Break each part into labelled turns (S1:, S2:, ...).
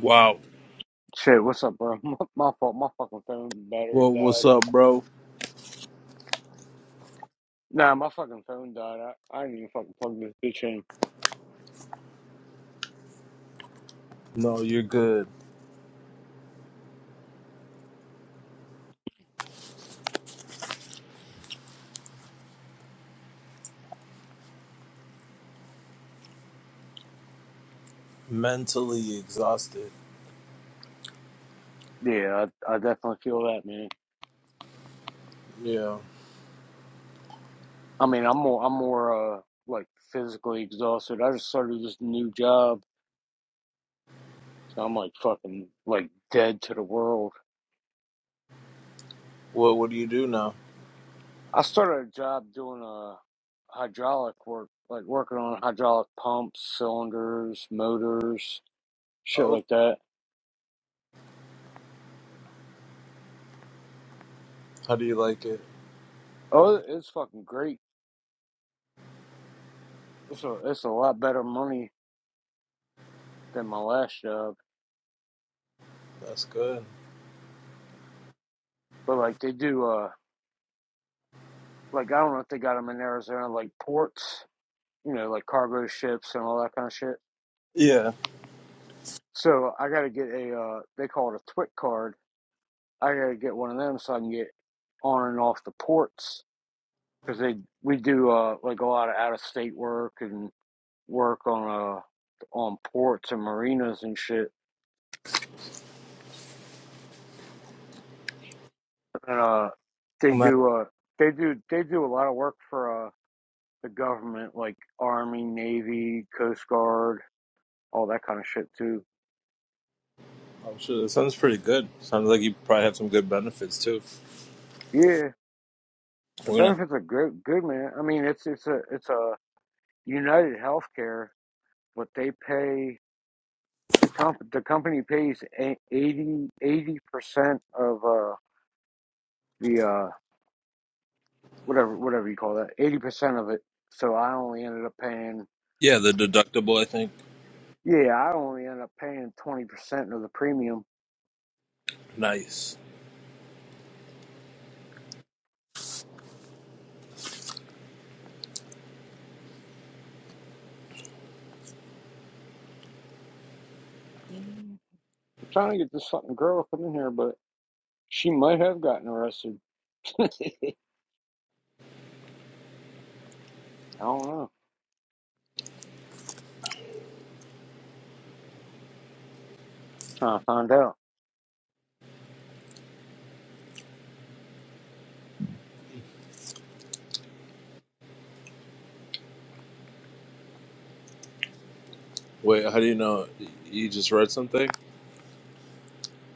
S1: Wow.
S2: Shit, what's up, bro? My, my fault. My fucking phone battery
S1: Well, what's
S2: died.
S1: up, bro?
S2: Nah, my fucking phone died. I, I didn't even fucking plug this bitch in.
S1: No, you're good. Mentally exhausted.
S2: Yeah, I, I definitely feel that, man.
S1: Yeah.
S2: I mean, I'm more, I'm more, uh, like physically exhausted. I just started this new job, so I'm like fucking like dead to the world.
S1: Well, what do you do now?
S2: I started a job doing uh hydraulic work, like working on hydraulic pumps, cylinders, motors, shit
S1: Oh,
S2: like that.
S1: how do you like it?
S2: Oh, it's fucking great. It's a, it's a lot better money than my last job.
S1: That's good.
S2: But like they do, uh, like I don't know if they got them in Arizona, like ports, you know, like cargo ships and all that kind of shit.
S1: Yeah.
S2: So I got to get a, uh, they call it a Twit card. I got to get one of them so I can get on and off the ports because they we do uh like a lot of out of state work and work on uh on ports and marinas and shit. And uh, they
S1: I'm, not-
S2: do uh they do they do a lot of work for uh the government like Army, Navy, Coast Guard, all that kind of shit too.
S1: I'm sure that sounds pretty good. Sounds like you probably have some good benefits too.
S2: Yeah, the
S1: We're gonna.
S2: benefits are good, good man. I mean, it's it's a it's a United Healthcare, but they pay the comp the company pays a- 80 percent of uh the uh whatever whatever you call that eighty percent of it. So I only ended up paying
S1: Yeah, the deductible. I think.
S2: yeah I only ended up paying twenty percent of the premium.
S1: Nice.
S2: Mm. I'm trying to get this fucking girl up in here, but she might have gotten arrested. I don't know. Trying to find out.
S1: Wait, how do you know? You just read something?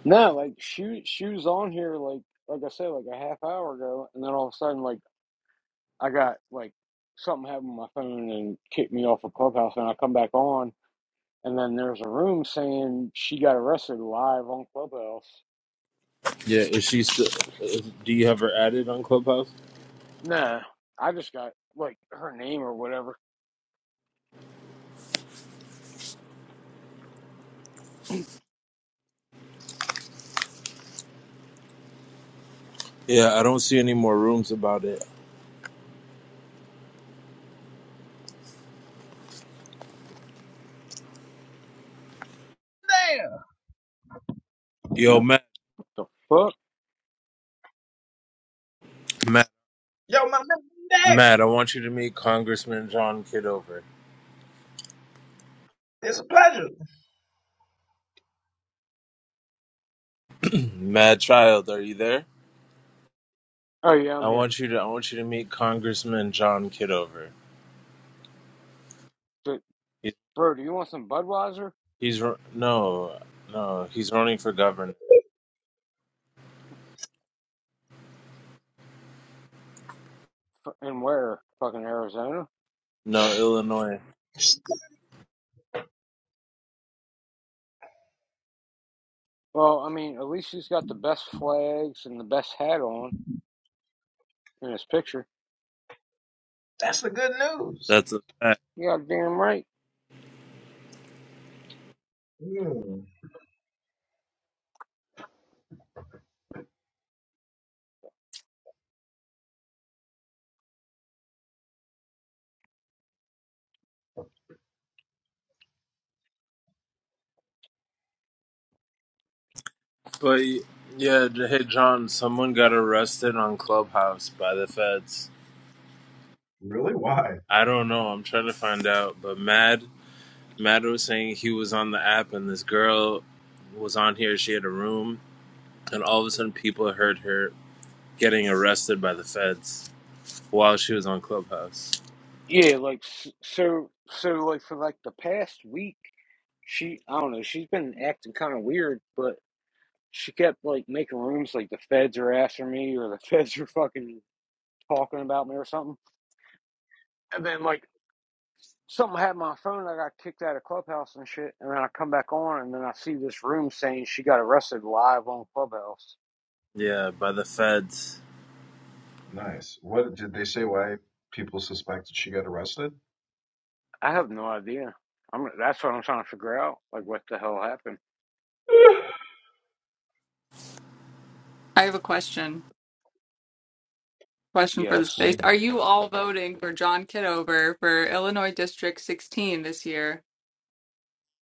S2: No, like shoes shoes on here like like I said, like a half hour ago and then all of a sudden like I got like something happened with my phone and kicked me off of Clubhouse and I come back on and then there's a room saying she got arrested live on Clubhouse.
S1: Yeah. Is she still? is- Do you have her added on Clubhouse?
S2: Nah. I just got like her name or whatever.
S1: Yeah, I don't see any more rooms about it.
S3: there.
S1: Yo,
S2: The fuck?
S1: Matt.
S3: Yo, my man, I'm there.
S1: Matt, I want you to meet Congressman John Kidover.
S3: It's a pleasure.
S1: Mad Child, are you there?
S2: Oh yeah, I'm
S1: I
S2: here.
S1: want you to I want you to meet Congressman John Kidover.
S2: D-
S1: He's
S2: Bro, do you want some Budweiser?
S1: he's ru- no no he's running for governor.
S2: F- And where? Fucking Arizona?
S1: No Illinois.
S2: Well, I mean, at least she's got the best flags and the best hat on in this picture.
S3: That's the good news.
S1: That's a fact.
S2: You got damn right.
S3: Hmm.
S1: But yeah, hey John, someone got arrested on Clubhouse by the feds.
S3: Really? Why?
S1: I don't know. I'm trying to find out. But Mad Mad was saying he was on the app and this girl was on here. She had a room, and all of a sudden people heard her getting arrested by the feds while she was on Clubhouse.
S2: Yeah, like s- so, so like for like the past week, she I don't know, she's been acting kind of weird, but she kept like making rooms like the feds are after me or the feds are fucking talking about me or something. And then like something happened on my phone, I got kicked out of Clubhouse and shit. And then I come back on, and then I see this room saying she got arrested live on Clubhouse.
S1: Yeah, by the feds.
S3: Nice. What did they say? Why people suspected she got arrested?
S2: I have no idea. I'm that's what I'm trying to figure out, like what the hell happened.
S4: I have a question. Question for the
S2: Yes.
S3: What-
S4: space. Are you all voting for John Kidover for Illinois District 16 this year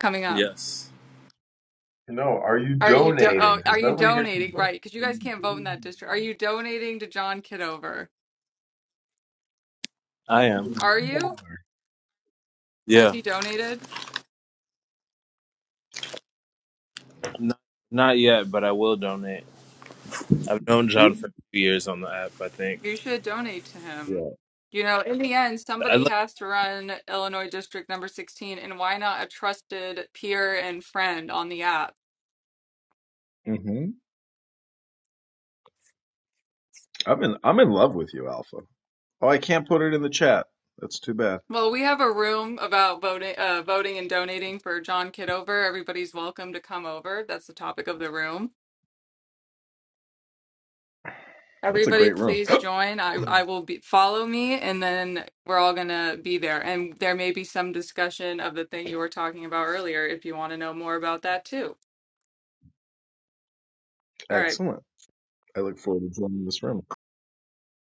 S4: coming up?
S1: Yes,
S3: No. Are you
S4: Are you do-
S3: donating?
S4: oh, are
S3: Because
S4: you
S3: nobody here can
S4: donating
S3: donate.
S4: right? Because
S3: Are
S4: you guys can't vote in
S3: you
S4: that
S3: donating?
S4: district. Are you donating to John Kidover?
S1: I am.
S3: Even
S4: Are
S3: one
S4: you?
S3: dollar.
S4: Has
S1: Yeah,
S4: he donated?
S1: not, not yet, but I will donate. I've known John for a years on the app. I think.
S4: You should donate to him.
S3: Yeah.
S4: You know, in the end,
S1: I
S4: somebody
S1: like
S4: has to run Illinois District number 16, and why not a trusted peer and friend on the app?
S3: hmm I'm in. I'm in love with you, Alpha. Oh, I can't put it in the chat. That's too bad.
S4: Well, we have a room about voting, uh, voting and donating for John Kidover. Everybody's welcome to come over. That's the topic of the room.
S3: That's a
S4: Everybody,
S3: great room.
S4: please join. I, I will be follow me, and then we're all gonna be there. And there may be some discussion of the thing you were talking about earlier if you want to know more about that too. All right.
S3: Excellent. I look forward to joining this room.